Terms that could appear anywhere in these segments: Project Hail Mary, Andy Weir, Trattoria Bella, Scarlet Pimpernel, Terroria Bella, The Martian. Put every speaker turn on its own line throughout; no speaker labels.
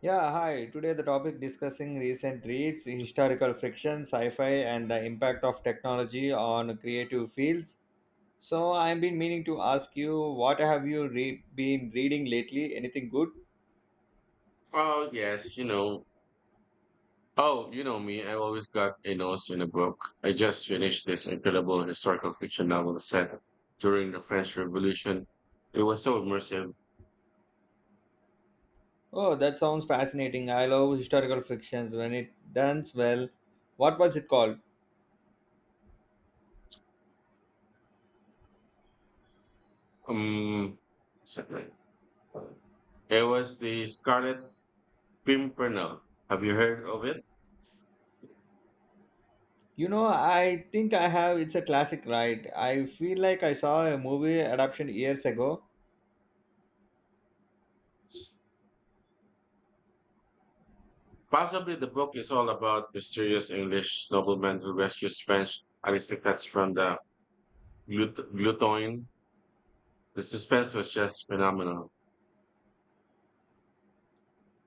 Yeah, hi. Today the topic discussing recent reads, historical fiction, sci-fi, and the impact of technology on creative fields. So I've been meaning to ask you, what have you been reading lately? Anything good?
Oh yes, you know. Oh, you know me. I always got a nose in a book. I just finished this incredible historical fiction novel set during the French Revolution. It was so immersive.
Oh, that sounds fascinating. I love historical fictions when it does well. What was it called?
Um, second. It was the Scarlet Pimpernel. Have you heard of it?
You know, I think I have. It's a classic, right? I feel like I saw a movie adaptation years ago.
Possibly the book is all about mysterious English nobleman who rescues French aristocrats from the gluttony. The suspense was just phenomenal.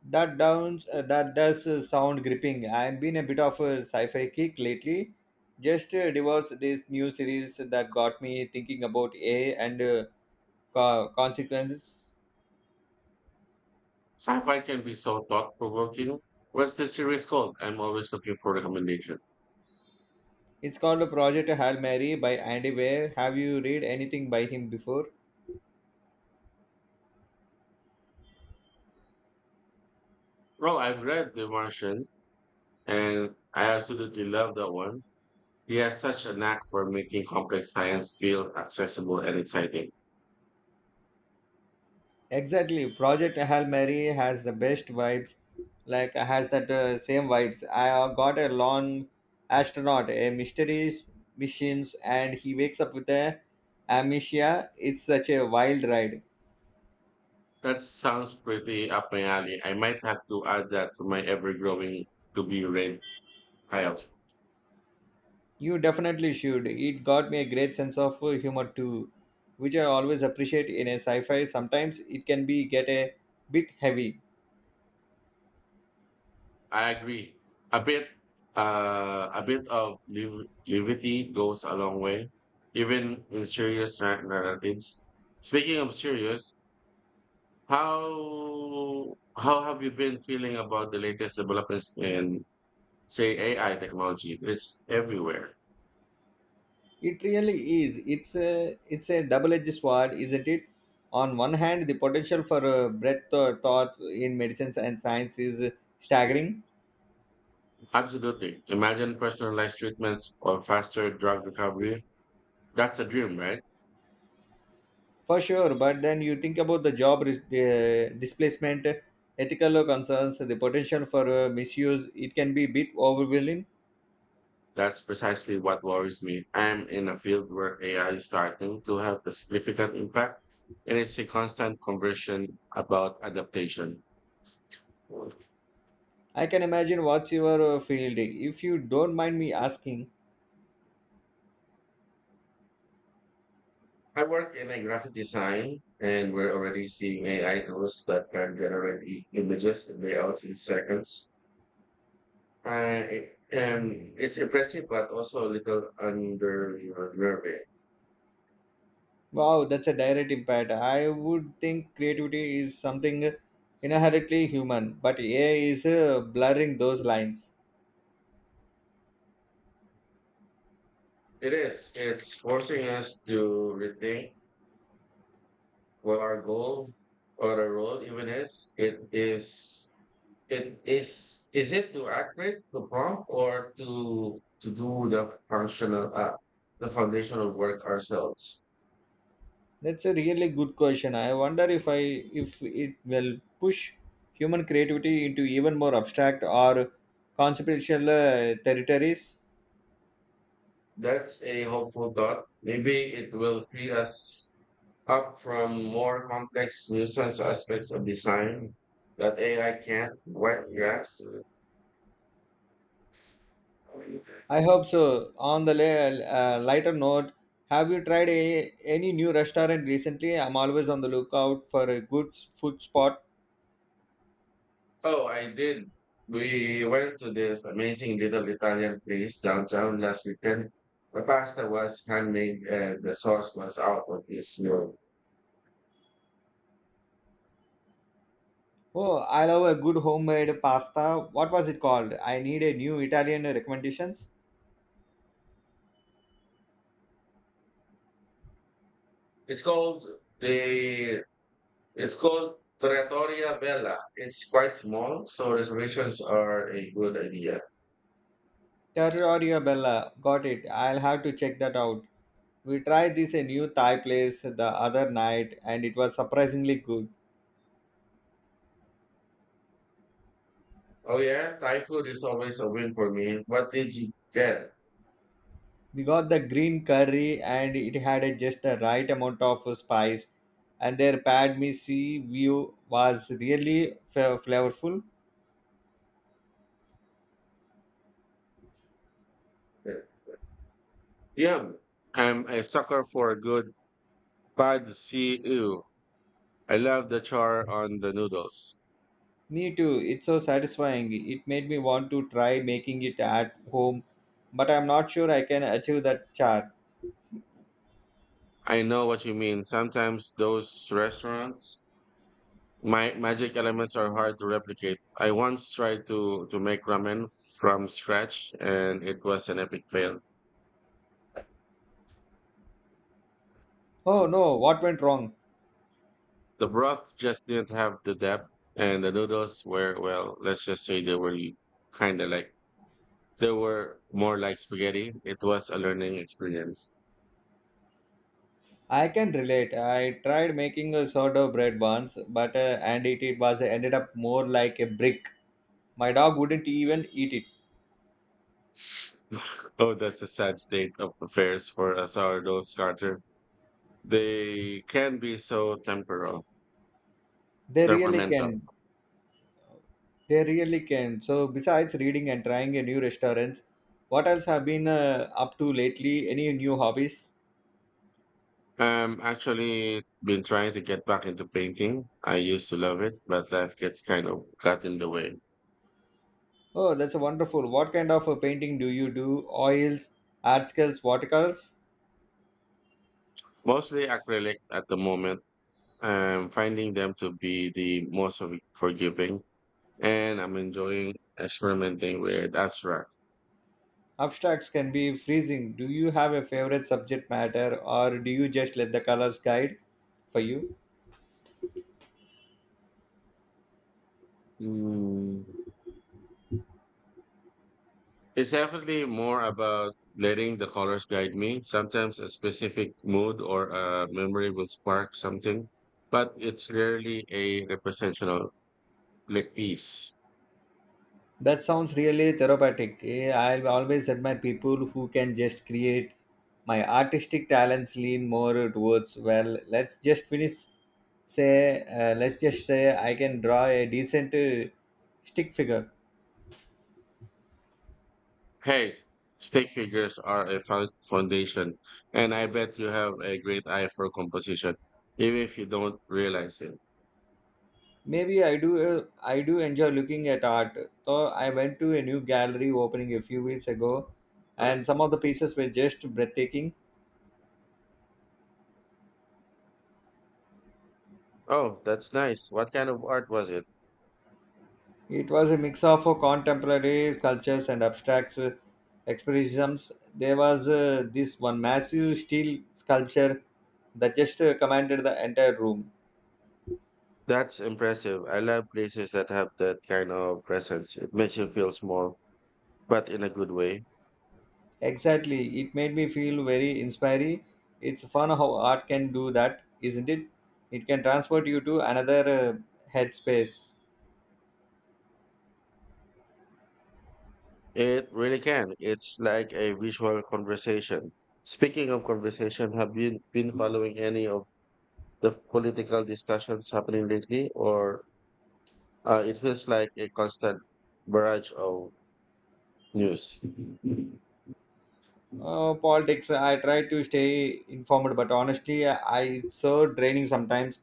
That does sound gripping. I've been a bit of a sci-fi kick lately. Just divorce this new series that got me thinking about A and consequences.
Sci-fi can be so thought-provoking. What's the series called? I'm always looking for recommendation.
It's called Project Hail Mary by Andy Weir. Have you read anything by him before?
Well, I've read The Martian, and I absolutely love that one. He has such a knack for making complex science feel accessible and exciting.
Exactly. Project Hail Mary has the best vibes. Like has that same vibes. I got a lone astronaut, a mysteries missions, and he wakes up with a amnesia. It's such a wild ride.
That sounds pretty up my alley. I might have to add that to my ever-growing to-be-read pile.
You definitely should. It got me a great sense of humor too, which I always appreciate in a sci-fi. Sometimes it can be get a bit heavy.
I agree. A bit, a bit of levity goes a long way, even in serious narratives. Speaking of serious, how have you been feeling about the latest developments in, say, AI technology? It's everywhere.
It really is. It's a double-edged sword, isn't it? On one hand, the potential for breadth thoughts in medicines and science is staggering,
Absolutely. Imagine personalized treatments or faster drug recovery. That's a dream, right?
for sure. But then you think about the job displacement, ethical concerns, the potential for misuse. It can be a bit overwhelming.
That's precisely what worries me. I'm in a field where AI is starting to have a significant impact, and it's a constant conversation about adaptation.
I can imagine what's your field if you don't mind me asking.
I work in a graphic design, and we're already seeing AI tools that can generate images and layouts in seconds. And it's impressive, but also a little underwhelming.
Wow, that's a direct impact. I would think creativity is something inherently human, but AI is blurring those lines.
It is. It's forcing us to rethink what our goal or our role even is. It is It is it to accurate to prompt or to do the functional the foundational work ourselves?
That's a really good question. I wonder if it will push human creativity into even more abstract or conceptual territories.
That's a hopeful thought. Maybe it will free us up from more complex nuisance aspects of design that AI can't quite grasp.
I hope so. On the lighter note, have you tried any new restaurant recently? I'm always on the lookout for a good food spot.
Oh, I did. We went to this amazing little Italian place downtown last weekend. The pasta was handmade and the sauce was out of this world.
Oh, I love a good homemade pasta. What was it called? I need a new Italian recommendations.
It's called the it's called Trattoria Bella. It's quite small, so reservations are a good idea.
Terroria Bella. Got it. I'll have to check that out. We tried this a new Thai place the other night and it was surprisingly good.
Oh yeah, Thai food is always a win for me. What did you get?
We got the green curry and it had just the right amount of spice and their pad me see view was really flavorful.
Yum! I'm a sucker for a good pad see ew. I love the char on the noodles.
Me too. It's so satisfying. It made me want to try making it at home, but I'm not sure I can achieve that char.
I know what you mean. Sometimes those restaurants, my magic elements are hard to replicate. I once tried to make ramen from scratch, and it was an epic fail.
Oh no, what went wrong?
The broth just didn't have the depth, and the noodles were, well, let's just say they were kind of like, they were more like spaghetti. It was a learning experience.
I can relate. I tried making a sourdough bread once, but and it was ended up more like a brick. My dog wouldn't even eat it.
Oh, that's a sad state of affairs for a sourdough starter. They can be so temporal,
They really
temperamental.
can. They really can. So besides reading and trying a new restaurants, what else have been up to lately? Any new hobbies?
I'm actually been trying to get back into painting. I used to love it, but life gets kind of got in the way.
Oh, that's wonderful. What kind of a painting do you do? Oils, articles, watercolors?
Mostly acrylic at the moment. I'm finding them to be the most forgiving, and I'm enjoying experimenting with abstract.
Abstracts can be freezing. Do you have a favorite subject matter or do you just let the colors guide for you?
Mm. It's definitely more about letting the colors guide me. Sometimes a specific mood or a memory will spark something, but it's rarely a representational like, piece.
That sounds really therapeutic. I always admire people who can just create. My artistic talents lean more towards, well, let's just say I can draw a decent stick figure.
Hey, stick figures are a foundation, and I bet you have a great eye for composition, even if you don't realize it.
Maybe I do. I do enjoy looking at art. So I went to a new gallery opening a few weeks ago, and some of the pieces were just breathtaking.
Oh, that's nice. What kind of art was it?
It was a mix of contemporary sculptures and abstracts, expressionisms. There was this one massive steel sculpture that just commanded the entire room.
That's impressive. I love places that have that kind of presence. It makes you feel small, but in a good way.
Exactly, it made me feel very inspiring. It's fun how art can do that, isn't it? It can transport you to another headspace.
It really can. It's like a visual conversation. Speaking of conversation, have you been following any of the political discussions happening lately, or it feels like a constant barrage of news?
Politics, I try to stay informed, but honestly, I it's so draining sometimes.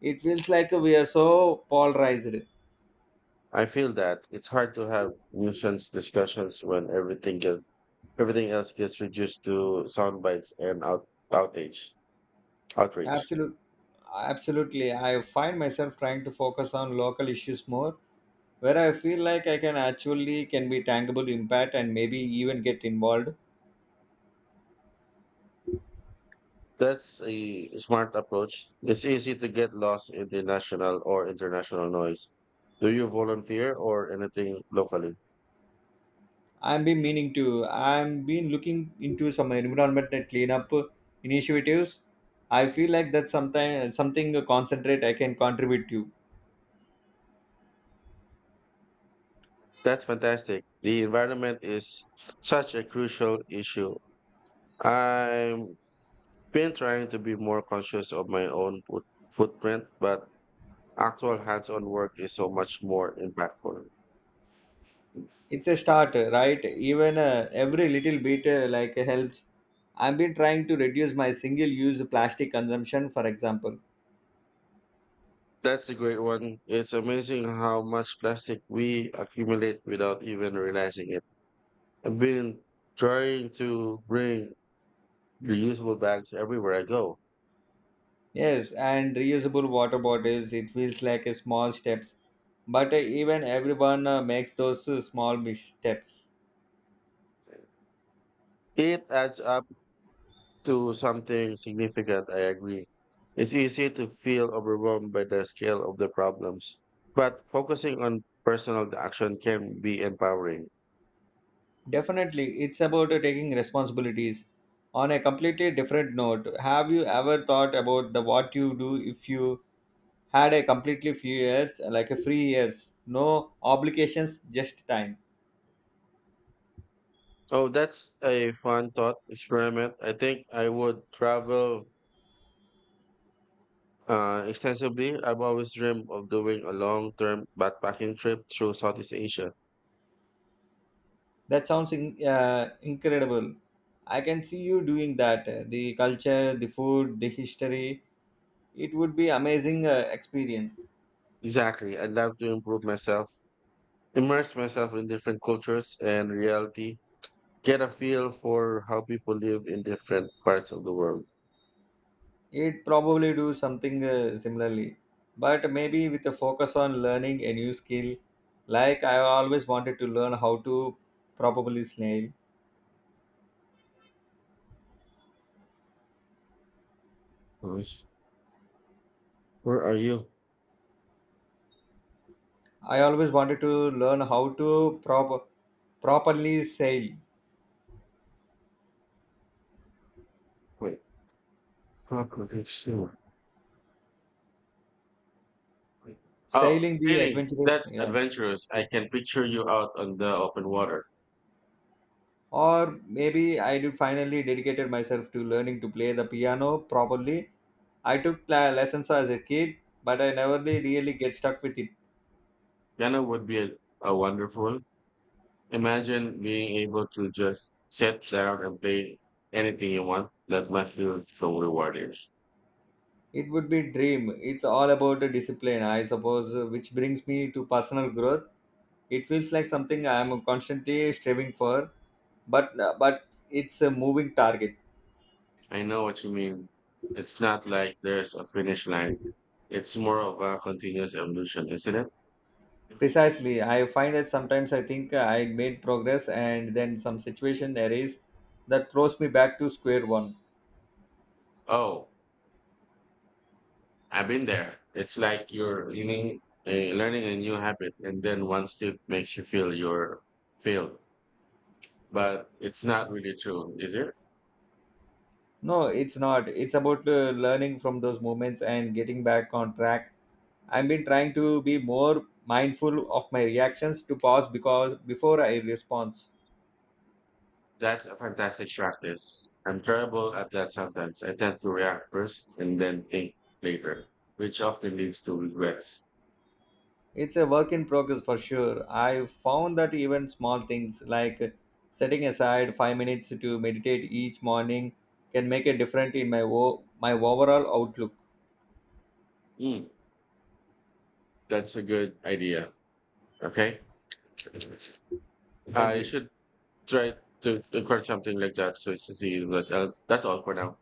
It feels like we are so polarized.
I feel that it's hard to have nuisance discussions when Everything else gets reduced to sound bites and outrage.
Absolutely, absolutely. I find myself trying to focus on local issues more, where I feel like I can actually can be tangible impact and maybe even get involved.
That's a smart approach. It's easy to get lost in the national or international noise. Do you volunteer or anything locally?
I've been meaning to. I've been looking into some environment and cleanup initiatives. I feel like that's something concentrate I can contribute to.
That's fantastic. The environment is such a crucial issue. I've been trying to be more conscious of my own footprint, but actual hands on work is so much more impactful.
It's a start, right, even every little bit like helps. I've been trying to reduce my single use plastic consumption, for example.
That's a great one. It's amazing how much plastic we accumulate without even realizing it. I've been trying to bring reusable bags everywhere I go.
Yes, and reusable water bottles. It feels like a small steps, but even everyone makes those small missteps.
It adds up to something significant, I agree. It's easy to feel overwhelmed by the scale of the problems, but focusing on personal action can be empowering.
Definitely, it's about taking responsibilities. On a completely different note, have you ever thought about the what you do if you had a completely few years, like a free years, no obligations, just time?
Oh, that's a fun thought experiment. I think I would travel extensively. I've always dreamed of doing a long-term backpacking trip through Southeast Asia.
That sounds incredible. I can see you doing that. The culture, the food, the history. It would be amazing experience.
Exactly. I'd love to improve myself, immerse myself in different cultures and reality, get a feel for how people live in different parts of the world.
It probably do something similarly, but maybe with a focus on learning a new skill. Like I always wanted to learn how to properly sail.
Nice. Where are you?
I always wanted to learn how to properly sail.
Wait, properly sure. Oh,
Sailing the
sailing.
adventurous,
That's
yeah.
adventurous. I can picture you out on the open water.
Or maybe I did finally dedicated myself to learning to play the piano properly. I took lessons as a kid, but I never really get stuck with it.
Ghana would be a wonderful. Imagine being able to just sit down and play anything you want. That must feel so rewarding.
It would be dream. It's all about the discipline, I suppose, which brings me to personal growth. It feels like something I am constantly striving for, but it's a moving target.
I know what you mean. It's not like there's a finish line. It's more of a continuous evolution, isn't it?
Precisely, I find that sometimes I think I made progress and then some situation arise that throws me back to square one.
Oh, I've been there. It's like you're learning, learning a new habit, and then one step makes you feel you're failed. But it's not really true, is it?
No, it's not. It's about learning from those moments and getting back on track. I've been trying to be more mindful of my reactions to pause because before I respond.
That's a fantastic practice. I'm terrible at that sometimes. I tend to react first and then think later, which often leads to regrets.
It's a work in progress for sure. I found that even small things like setting aside 5 minutes to meditate each morning can make a difference in my overall outlook.
Hmm, that's a good idea. Okay.
Thank
I
you.
should try to record something like that so it's easy. But that's all for now.